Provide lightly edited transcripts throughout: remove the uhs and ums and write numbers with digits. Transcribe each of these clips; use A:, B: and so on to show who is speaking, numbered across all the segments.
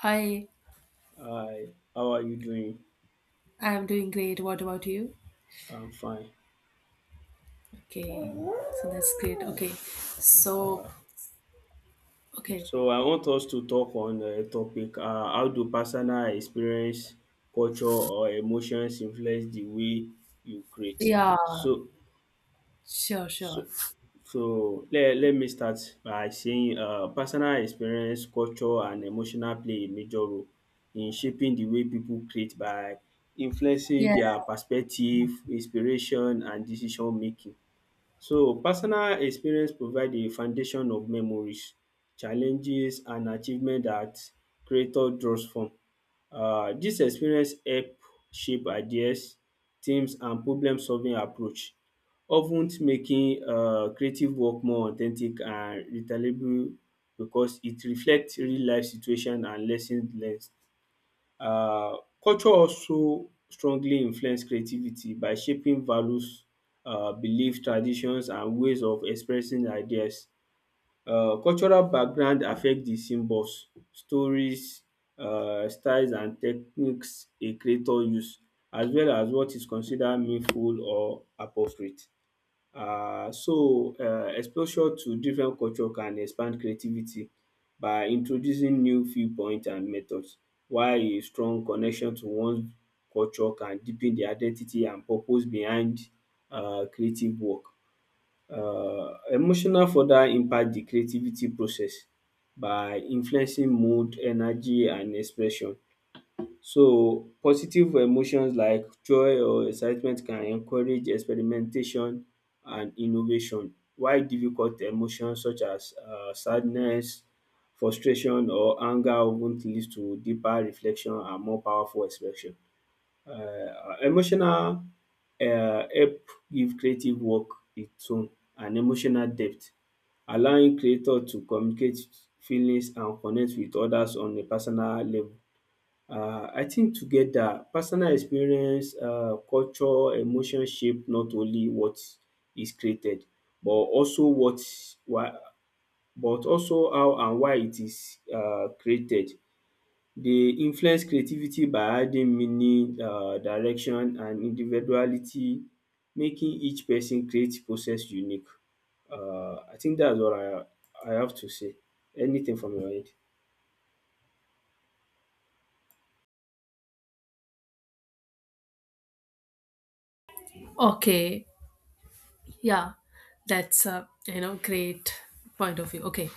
A: Hi,
B: Hi, how are you doing?
A: I'm doing great. What about you?
B: I'm fine.
A: Okay, so that's great. Okay, so, okay,
B: So, I want us to talk on a topic, how do personal experience, culture or emotions influence the way you create?
A: yeah,
B: So,
A: sure,
B: so,
A: sure.
B: so let me start by saying personal experience, culture and emotional play a major role in shaping the way people create by influencing
A: Yeah,
B: their perspective, inspiration and decision making. So personal experience provide a foundation of memories, challenges and achievement that creator draws from. Dis experience help shape ideas, teams and problem solving approach of ten making creative work more authentic and relatable because it reflect real life situation and lessons learnt. Culture also strongly influence creativity by shaping values, belief, traditions and ways of expressing ideas. Cultural background affect the symbols, stories, styles and techniques a creator use as well as what is considered meaningful or appropriate. So exposure to different culture can expand creativity by introducing new viewpoint and methods, while a strong connection to one culture can deepen the identity and purpose behind creative work. um Emotional further impact the creativity process by influencing mood, energy and expression. So positive emotions like joy or excitement can encourage experimentation and innovation, while difficult emotions such as sadness, frustration or anger often lead to deeper reflection and more powerful expression. um Emotional help give creative work its own and emotional depth, allowing creator to communicate feelings and connect with others on a personal level. I think together personal experience, culture, emotion shape not only what is created but also what why but also how and why it is created. They influence creativity by adding meaning, direction and individuality, making each person creative process unique. I think that's what I have to say. Anything from your end?
A: okay. Yeah, that's a great point of view. Okay,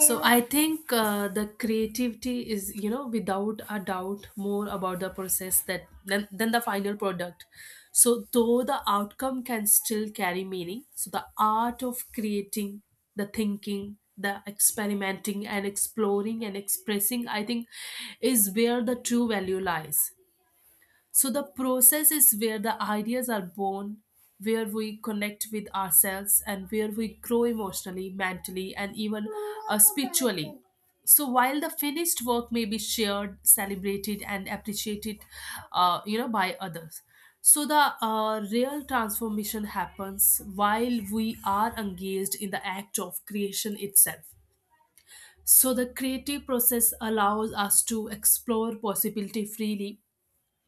A: so yeah. I think the creativity is without a doubt more about the process than the final product. So though the outcome can still carry meaning, so the art of creating, the thinking, the experimenting and exploring and expressing, I think, is where the true value lies. So the process is where the ideas are born, where we connect with ourselves, and where we grow emotionally, mentally, and even spiritually. So while the finished work may be shared, celebrated, and appreciated, by others. So the real transformation happens while we are engaged in the act of creation itself. So the creative process allows us to explore possibility freely,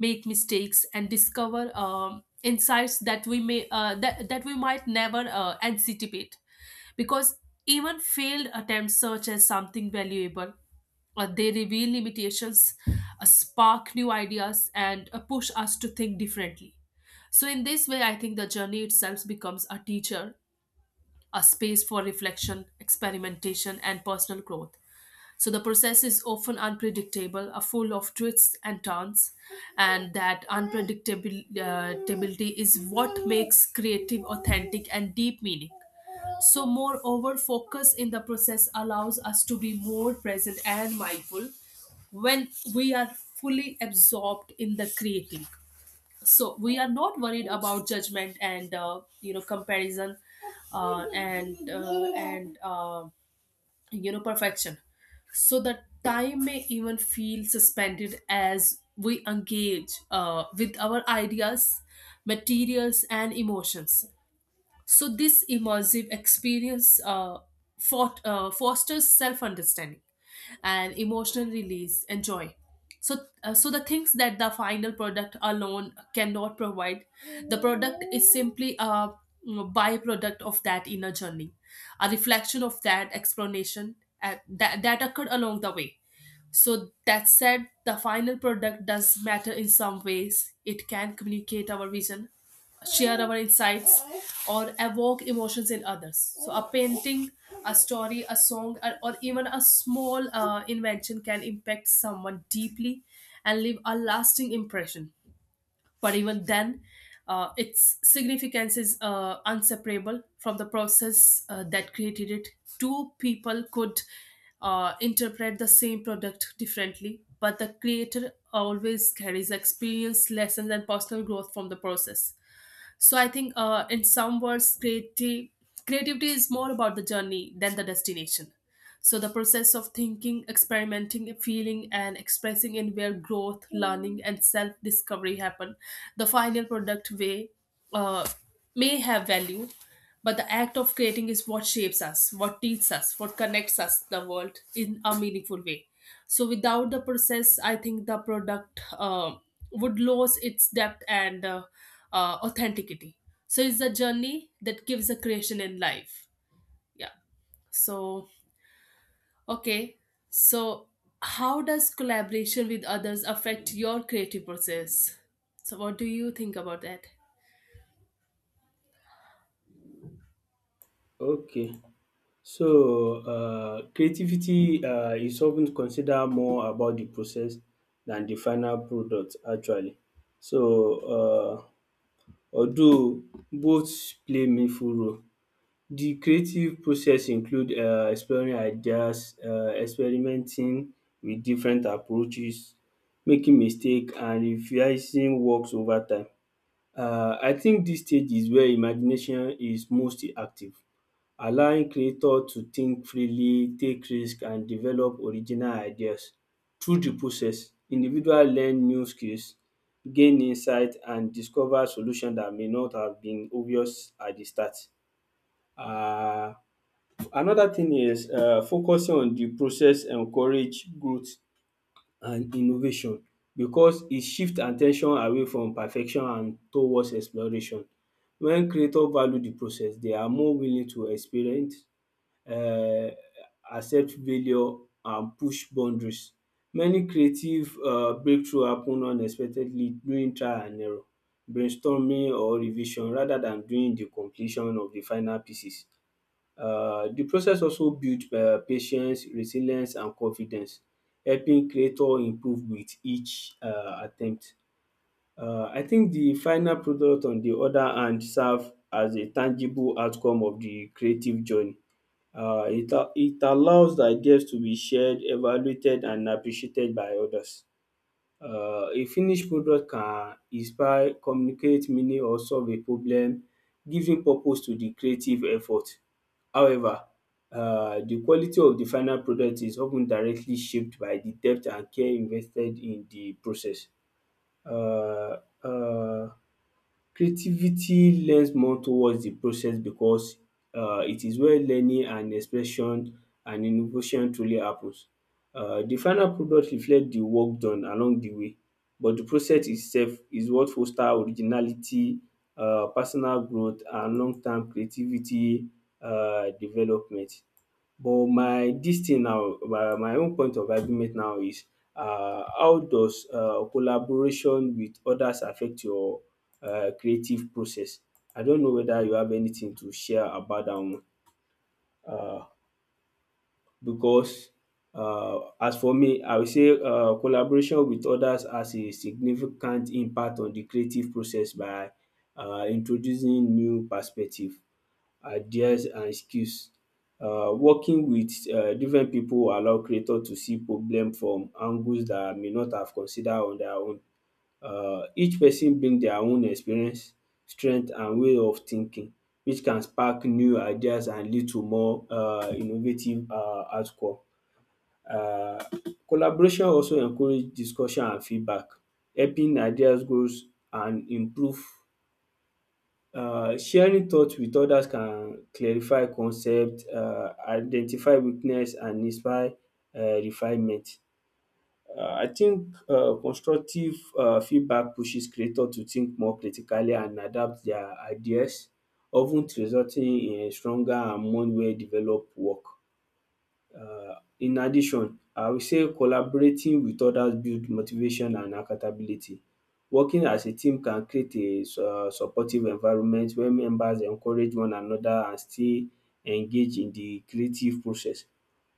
A: make mistakes and discover insights that we might never anticipate, because even failed attempts search as something valuable. They reveal limitations, spark new ideas and push us to think differently. So in this way I think the journey itself becomes a teacher, a space for reflection, experimentation and personal growth. So the process is often unpredictable, are full of twists and turns, and that unpredictability is what makes creative authentic and deep meaning. So, moreover, focus in the process allows us to be more present and mindful when we are fully absorbed in the creating. So we are not worried about judgment and comparison and perfection. So that time may even feel suspended as we engage with our ideas, materials and emotions. So this immersive experience fosters self-understanding and emotional release and joy. So, so the things that the final product alone cannot provide, the product is simply a, byproduct of that inner journey, a reflection of that explanation that occurred along the way. So, that said, the final product does matter in some ways. It can communicate our vision, share our insights, or evoke emotions in others. So, a painting, a story, a song, or even a small invention can impact someone deeply and leave a lasting impression. But even then, its significance is inseparable from the process that created it. Two people could interpret the same product differently, but the creator always carries experience, lessons, and personal growth from the process. So I think in some words creative creativity is more about the journey than the destination. So the process of thinking, experimenting, feeling and expressing in where growth, learning and self discovery happen. The final product way uh, may have value, but the act of creating is what shapes us, what teaches us, what connects us to the world in a meaningful way. So without the process, I think the product would lose its depth and authenticity. So it's the journey that gives a creation in life. Yeah. So okay. So how does collaboration with others affect your creative process? So what do you think about that?
B: Okay. So, creativity is often considered more about the process than the final product, actually. So, uh, although both play meaningful role, the creative process include exploring ideas, experimenting with different approaches, making mistake, and revising works over time. I think this stage is where imagination is most active, allowing creator to think freely, take risk and develop original ideas. Through the process, individual learn new skills, gain insight and discover solution that may not have been obvious at the start. um Another thing is focusing on the process encourage growth and innovation because e shift at ten tion away from perfection and towards exploration. When creator value the process, they are more willing to experiment, um accept failure and push boundaries. Many creative breakthrough happen unexpectedly during trial and error, brainstorming or revision rather than during the completion of the final pieces. The process also build patience, resilience and confidence, helping creator improve with each attempt. I think the final product on the other hand serve as a tangible outcome of the creative journey. It allows the ideas to be shared, evaluated, and appreciated by others. A finished product can inspire, communicate meaning, or solve a problem, giving purpose to the creative effort. However, the quality of the final product is often directly shaped by the depth and care invested in the process. um um Creativity lends more towards the process because it is where learning and expression and innovation truly happens. The final product reflect the work done along the way, but the process itself is what foster originality, personal growth and long term creativity development. But my dis thing now my own point of argument now is how does collaboration with others affect your creative process? I don't know whether you have anything to share about dat one. Um because As for me I would say collaboration with others has a significant impact on the creative process by introducing new perspective, ideas and skills. Working with different pipu will allow creator to see problem from angles dat may not have consider on their own. Each person bring their own experience, strength and way of thinking, which can spark new ideas and lead to more innovative outcome. um Collaboration also encourage discussion and feedback, helping ideas grows and improve. Sharing thoughts with others can clarify concepts, identify weakness and inspire refinement. I think constructive feedback pushes creators to think more critically and adapt their ideas, often resulting in stronger and more well developed work. um in addition, I will say collaborating with others build motivation and accountability. Working as a team can create a supportive environment where members encourage one another and stay engage in the creative process.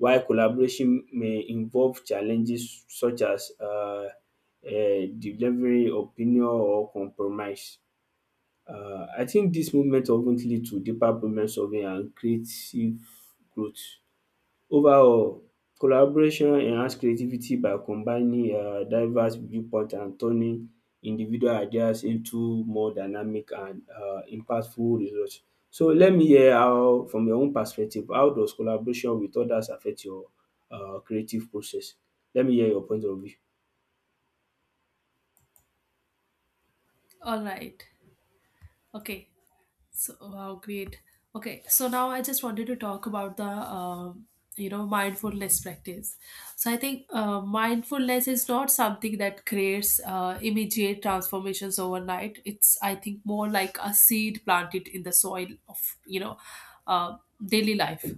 B: While collaboration may involve challenges such as delivering opinion or compromise. I think dis movement of ten lead to deeper problem solving and creative growth. Overall, collaboration enhance creativity by combining diverse viewpoint and turning individual ideas into more dynamic and impactful result. So let me hear how from your own perspective how does collaboration with others affect your creative process? Let me hear your point of view.
A: All right. Okay. So, wow, great. Okay, so now I just wanted to talk about the um mindfulness practice. So I think mindfulness is not something that creates immediate transformations overnight. It's I think more like a seed planted in the soil of, uh, daily life,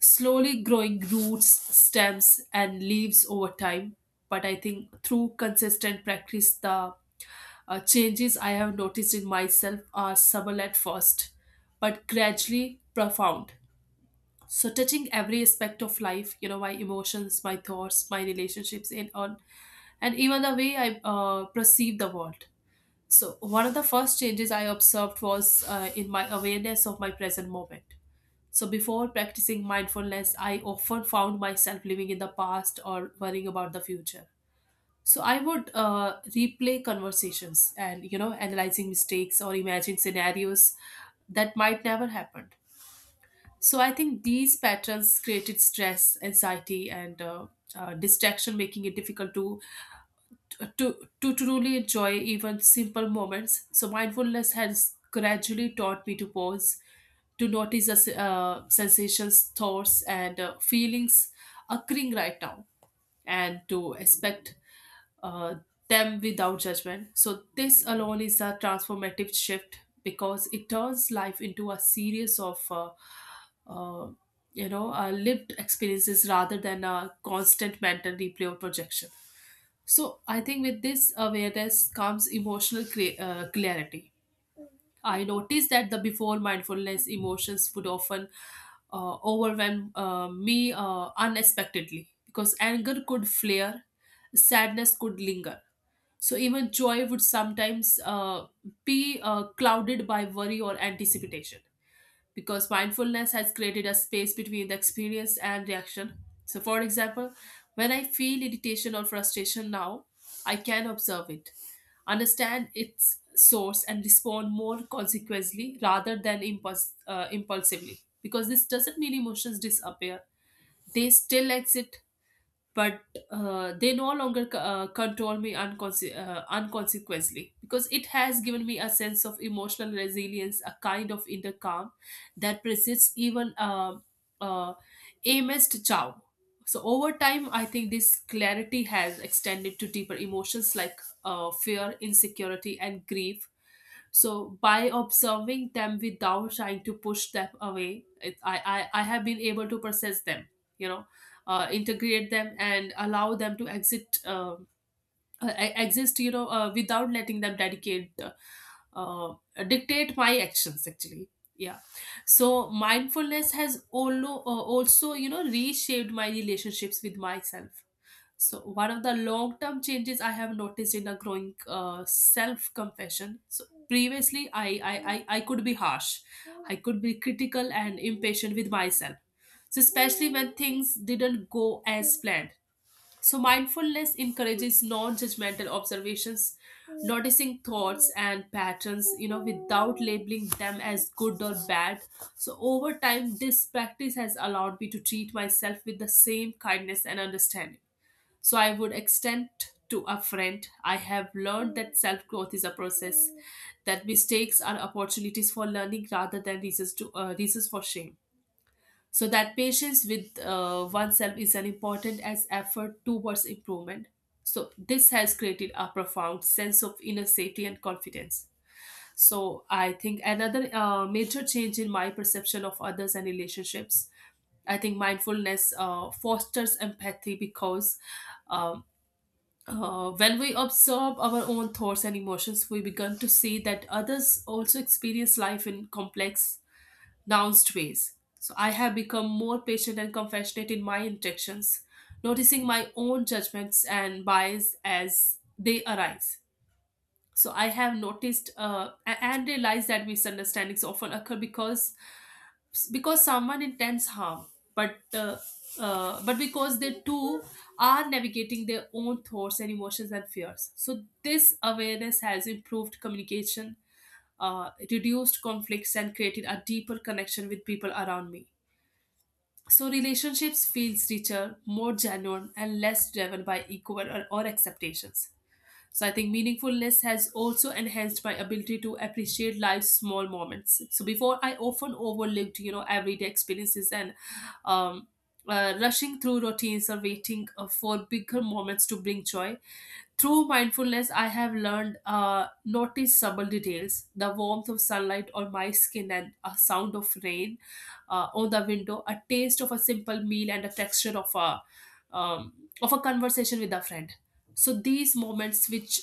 A: slowly growing roots, stems, and leaves over time. But I think through consistent practice, the changes I have noticed in myself are subtle at first, but gradually profound. So, touching every aspect of life, you know, my emotions, my thoughts, my relationships, and on, and even the way I perceive the world. So, one of the first changes I observed was in my awareness of my present moment. So, before practicing mindfulness, I often found myself living in the past or worrying about the future. So, I would replay conversations and, you know, analyzing mistakes or imagine scenarios that might never happen. So, I think these patterns created stress, anxiety, and distraction, making it difficult to truly enjoy even simple moments. So, mindfulness has gradually taught me to pause, to notice the sensations, thoughts, and feelings occurring right now, and to expect uh, them without judgment. So, this alone is a transformative shift because it turns life into a series of uh, lived experiences rather than a constant mental replay or projection. So I think with this awareness comes emotional clarity. I noticed that the before mindfulness emotions would often overwhelm me unexpectedly, because anger could flare, sadness could linger. So even joy would sometimes be clouded by worry or anticipation, because mindfulness has created a space between the experience and reaction. So, for example, when I feel irritation or frustration now, I can observe it, understand its source, and respond more consequently rather than impulsively. Because this doesn't mean emotions disappear, they still exist, but they no longer control me unconse- unconsequently, because it has given me a sense of emotional resilience, a kind of inner calm that persists even uh, amidst chow. So over time, I think this clarity has extended to deeper emotions like fear, insecurity, and grief. So by observing them without trying to push them away, it, I have been able to process them. You know Integrate them and allow them to exist, without letting them dedicate uh, dictate my actions, actually. Yeah. So mindfulness has also also reshaped my relationships with myself. So one of the long term changes I have noticed in a growing self compassion. So previously, I could be harsh, I could be critical and impatient with myself, so especially when things didn't go as planned. So, mindfulness encourages non judgmental observations, noticing thoughts and patterns, you know, without labeling them as good or bad. So, over time, this practice has allowed me to treat myself with the same kindness and understanding. So, I would extend to a friend. I have learned that self growth is a process, that mistakes are opportunities for learning rather than reasons for shame. So that patience with oneself is an important as effort towards improvement. So this has created a profound sense of inner safety and confidence. So I think another major change in my perception of others and relationships. I think mindfulness fosters empathy because, um, when we observe our own thoughts and emotions, we begin to see that others also experience life in complex nounced ways. So I have become more patient and compassionate in my interactions, noticing my own judgments and bias as they arise. So I have noticed and realized that misunderstandings often occur because someone intends harm, but uh, but because they too are navigating their own thoughts and emotions and fears. So this awareness has improved communication, reduced conflicts and created a deeper connection with people around me. So relationships feels richer, more genuine and less driven by ego or expectations. So I think meaningfulness has also enhanced my ability to appreciate life's small moments. So before I often overlooked, you know, everyday experiences and um, rushing through routines or waiting for bigger moments to bring joy. Through mindfulness I have learned notice subtle details, the warmth of sunlight on my skin and a sound of rain on the window, a taste of a simple meal and a texture um, of a conversation with a friend. So these moments which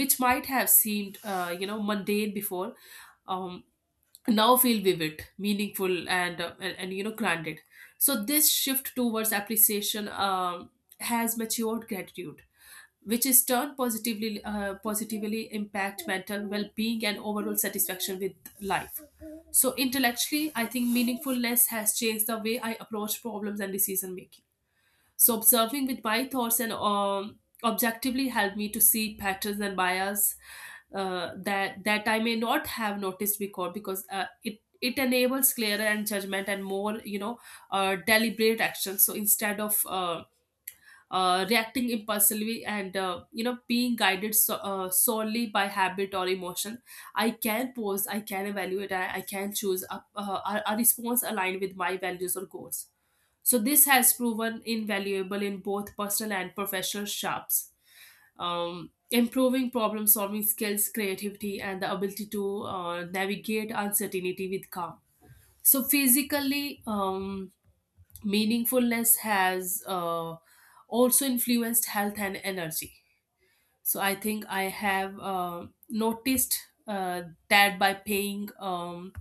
A: which might have seemed mundane before, um, now feel vivid, meaningful and grounded. So this shift towards appreciation has matured gratitude, which is turned positively, positively impact mental well-being and overall satisfaction with life. So intellectually I think meaningfulness has changed the way I approach problems and decision making. So observing with my thoughts and objectively helped me to see patterns and bias, that I may not have noticed before, because it enables clearer and judgment and more, deliberate action. So instead of reacting impulsively and, being guided so, solely by habit or emotion, I can pose, I can evaluate, I can choose a response aligned with my values or goals. So this has proven invaluable in both personal and professional shops, improving problem solving skills, creativity, and the ability to navigate uncertainty with calm. So physically, meaningfulness has also influenced health and energy. So I think I have noticed uh, that by paying um,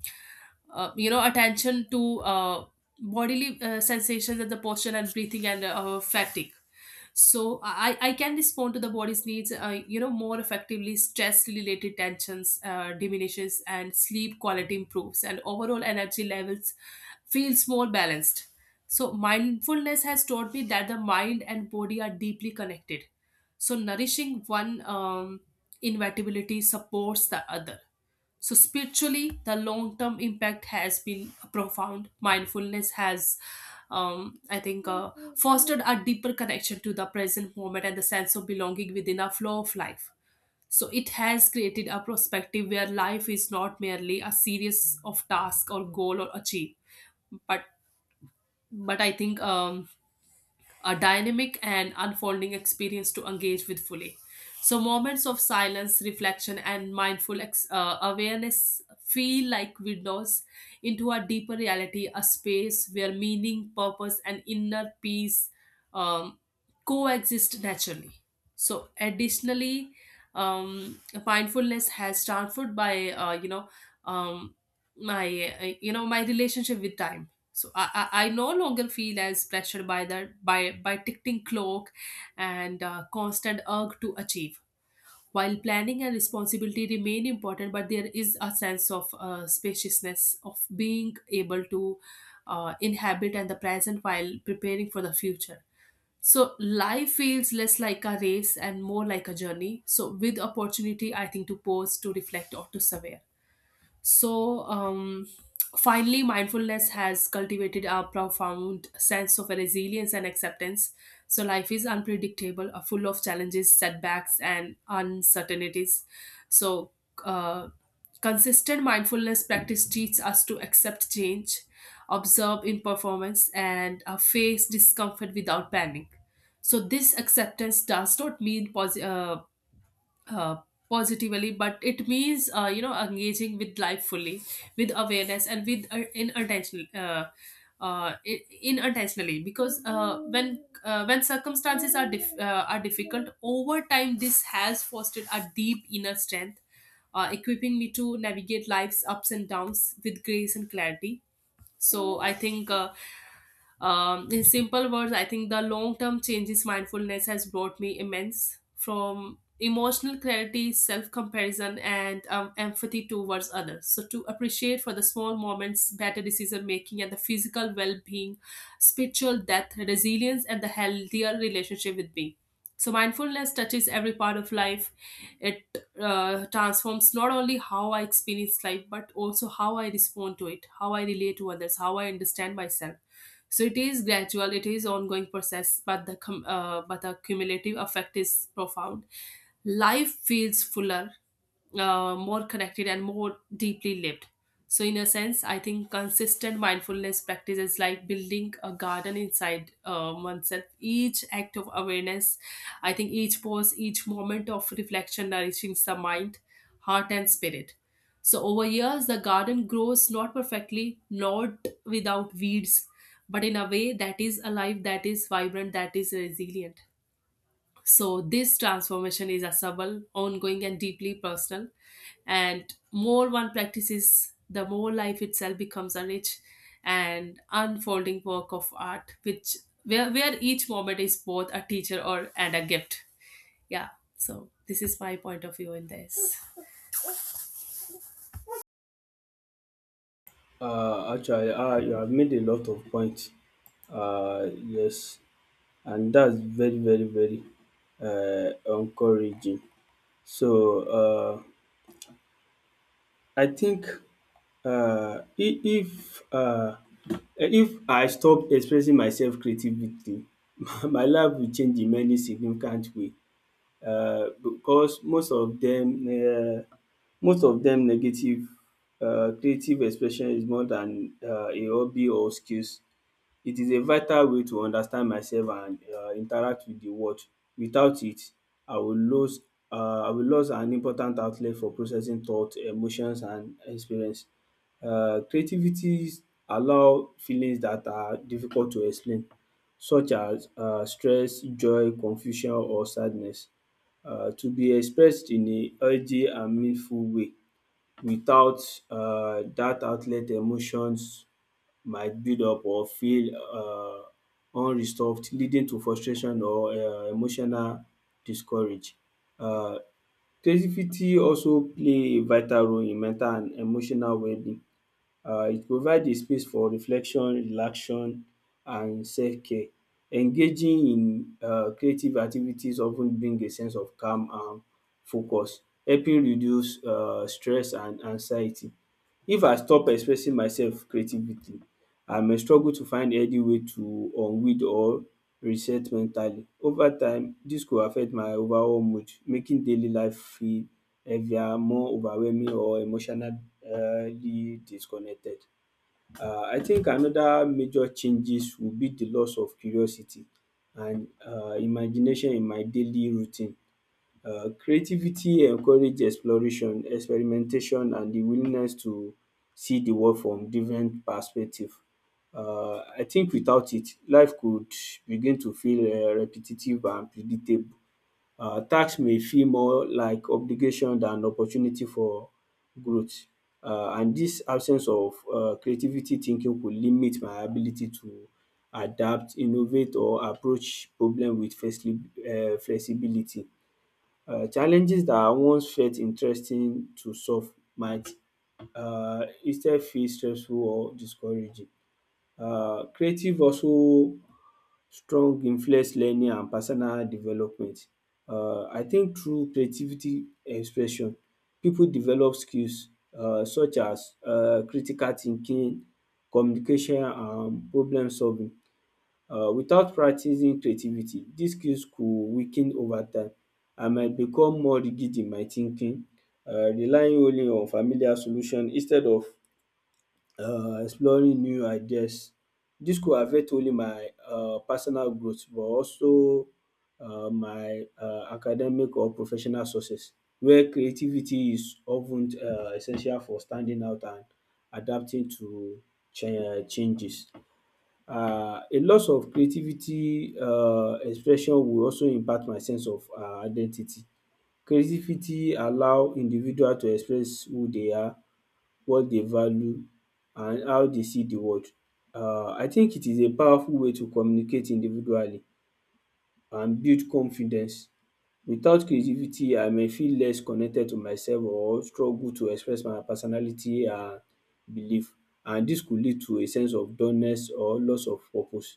A: uh, you know attention to bodily sensations and the posture and breathing and fatigue. So I can respond to the body's needs, more effectively. Stress related tensions diminishes and sleep quality improves and overall energy levels feels more balanced. So mindfulness has taught me that the mind and body are deeply connected, so nourishing one inevitability supports the other. So, spiritually, the long term impact has been profound. Mindfulness has, I think, fostered a deeper connection to the present moment and the sense of belonging within a flow of life. So, it has created a perspective where life is not merely a series of tasks or goal or achieve, but but I think a dynamic and unfolding experience to engage with fully. So, moments of silence, reflection, and mindful awareness feel like windows into a deeper reality, a space where meaning, purpose, and inner peace um, coexist naturally. So, additionally, mindfulness has transformed by you know um, my, my relationship with time. So I no longer feel as pressured by the by ticking clock and constant urge to achieve. While planning and responsibility remain important, but there is a sense of spaciousness of being able to inhabit and the present while preparing for the future. So life feels less like a race and more like a journey, so with opportunity, I think, to pause, to reflect, or to survey. So, finally, mindfulness has cultivated a profound sense of resilience and acceptance. So, life is unpredictable, full of challenges, setbacks, and uncertainties. So, uh, consistent mindfulness practice teaches us to accept change, observe imperformance, and face discomfort without panic. So, this acceptance does not mean uh, positively, but it means, engaging with life fully with awareness and with in intentional, in intentionally, because when when circumstances are are difficult. Over time this has fostered a deep inner strength, equipping me to navigate life's ups and downs with grace and clarity. So i think uh, um, in simple words, I think the long term changes mindfulness has brought me immense from emotional clarity, self comparison, and empathy towards others. So, to appreciate for the small moments, better decision making, and the physical well being, spiritual depth, resilience, and the healthier relationship with me. So, mindfulness touches every part of life. It transforms not only how I experience life, but also how I respond to it, how I relate to others, how I understand myself. So it is gradual. It is ongoing process, but the cumulative effect is profound. Life feels fuller, more connected and more deeply lived. So in a sense I think consistent mindfulness practice is like building a garden inside oneself. Each act of awareness, I think, each pause, each moment of reflection nourishing the mind, heart and spirit. So over years, the garden grows not perfectly, not without weeds, but in a way that is alive, that is vibrant, that is resilient. So this transformation is accessible, ongoing, and deeply personal. And more one practices, the more life itself becomes a rich and unfolding work of art, which where each moment is both a teacher or and a gift. Yeah. So this is my point of view in this.
B: Actually you have made a lot of points. Yes, and that's very very very encouraging. So um I think uh, if if, uh, if I stop expressing myself creativity, my life will change in many significant way, because most of them negative. Creative expression is more than a hobby or skills. It is a vital way to understand myself and interact with the world. Without it, I will lose I will lose an important outlet for processing thought, emotions and experience. Creativities allow feelings that are difficult to explain such as stress, joy, confusion or sadness to be expressed in a healthy and meaningful way. Without dat outlet, emotions might build up or feel unresolved, leading to frustration or emotional discourage. Uh, Creativity also play a vital role in mental and emotional well-being. It provides a space for reflection, relaxation, and self-care. Engaging in creative activities often bring a sense of calm and focus, helping reduce stress and anxiety. If I stop expressing myself creatively, I may struggle to find healthy way to unwind or reset mentally. Over time, dis go affect my overall mood, making daily life feel heavier, more overwhelming or emotionally disconnected. I think another major changes would be the loss of curiosity and imagination in my daily routine. Creativity encourages exploration, experimentation and the willingness to see the world from different perspectives. I think without it, life could begin to feel repetitive and predictable. Task may feel more like obligation than opportunity for growth. And this absence of creativity thinking could limit my ability to adapt, innovate or approach problem with flexibility. Challenges that I once felt interesting to solve might instead feel stressful or discouraging. Creative also strong influence learning and personal development. I think through creativity expression pipu develop skills such as critical thinking, communication and problem solving. Without practicing creativity dis skills could weaken over time. I might become more rigid in my thinking, relying only on familiar solution instead of exploring new ideas. Dis could affect only my personal growth but also my academic or professional success where creativity is of ten essential for standing out and adapting to changes. A loss of creativity expression will also impact my sense of identity. Creativity allow individual to express who they are, what they value and how they see the world. I think it is a powerful way to communicate individually and build confidence. Without creativity, I may feel less connected to myself or struggle to express my personality and belief, and dis could lead to a sense of dullness or loss of purpose,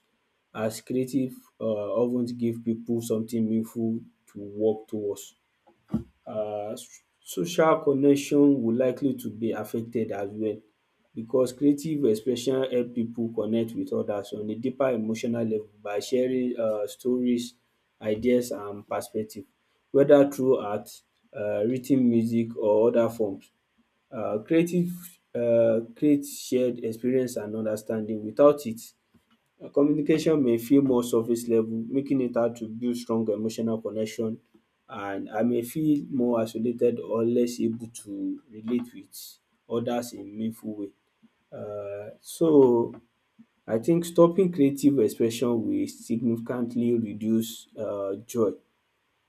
B: as creative um of ten give pipu something meaningful to work towards. um Social connection will likely to be affected as well, because creative expression help people connect with others on a deeper emotional level by sharing stories, ideas and perspective, whether through art, writ ten music or other forms. Creative create shared experience and understanding. Without it, communication may feel more surface level, making it hard to build strong emotional connection, and I may feel more isolated or less able to relate with others in meaningful way. So, I think stopping creative expression will significantly reduce joy,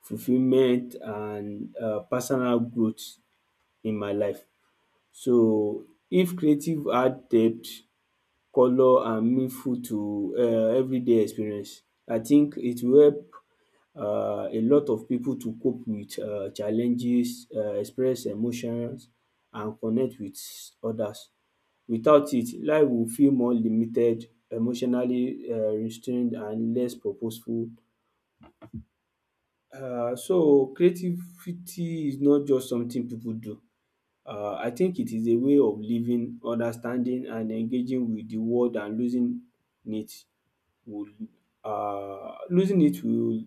B: fulfillment, and personal growth in my life. So if creative had depth, colour and meaningful to everyday experience. I think it will help a lot of people to cope with challenges, express emotions and connect with others. Without it, life will feel more limited, emotionally restrained and less purposeful. So creativity is not just something people do. I think it is a way of living, understanding and engaging with the world, and it Will losing it will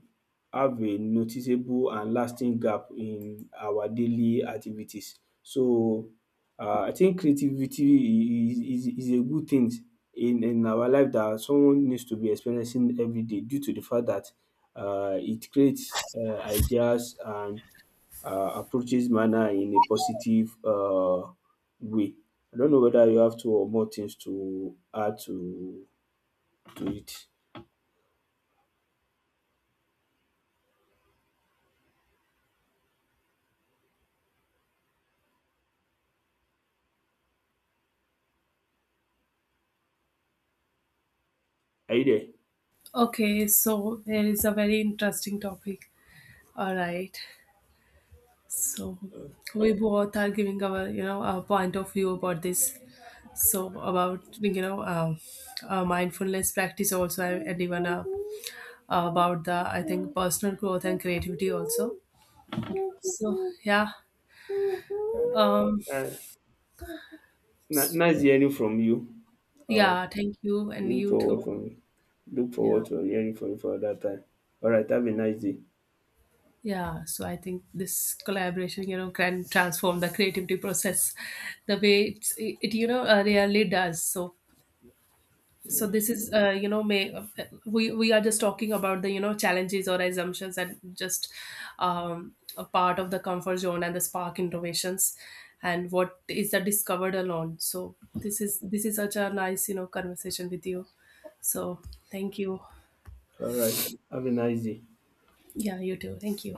B: have a noticeable and lasting gap in our daily activities. So I think creativity is a good thing in our life that someone needs to be experiencing everyday, due to the fact that it creates ideas and approaches manner in a positive way. I don't know whether you have two or more things to add to it. Are you there?
A: Okay, so there is a very interesting topic. All right. So we both are giving our, you know, our point of view about this. So about, you know, mindfulness practice also, and even about the, I think, personal growth and creativity also. So yeah. Um,
B: Uh, Nice hearing from you. Uh,
A: yeah, thank you and
B: look
A: you
B: forward
A: too.
B: from Look
A: Yeah.
B: forward to hearing from you for that time. All right, have a nice day.
A: Yeah, so I think this collaboration, you know, can transform the creativity process the way it really does. So, so
B: Yes.
A: this is, may we are just talking about the, you know, challenges or assumptions and just a part of the comfort zone and the spark innovations, and what is the discovered alone. So this is such a nice, you know, conversation with you. So thank you.
B: All right, have a nice day.
A: Yeah, you too. Thank you.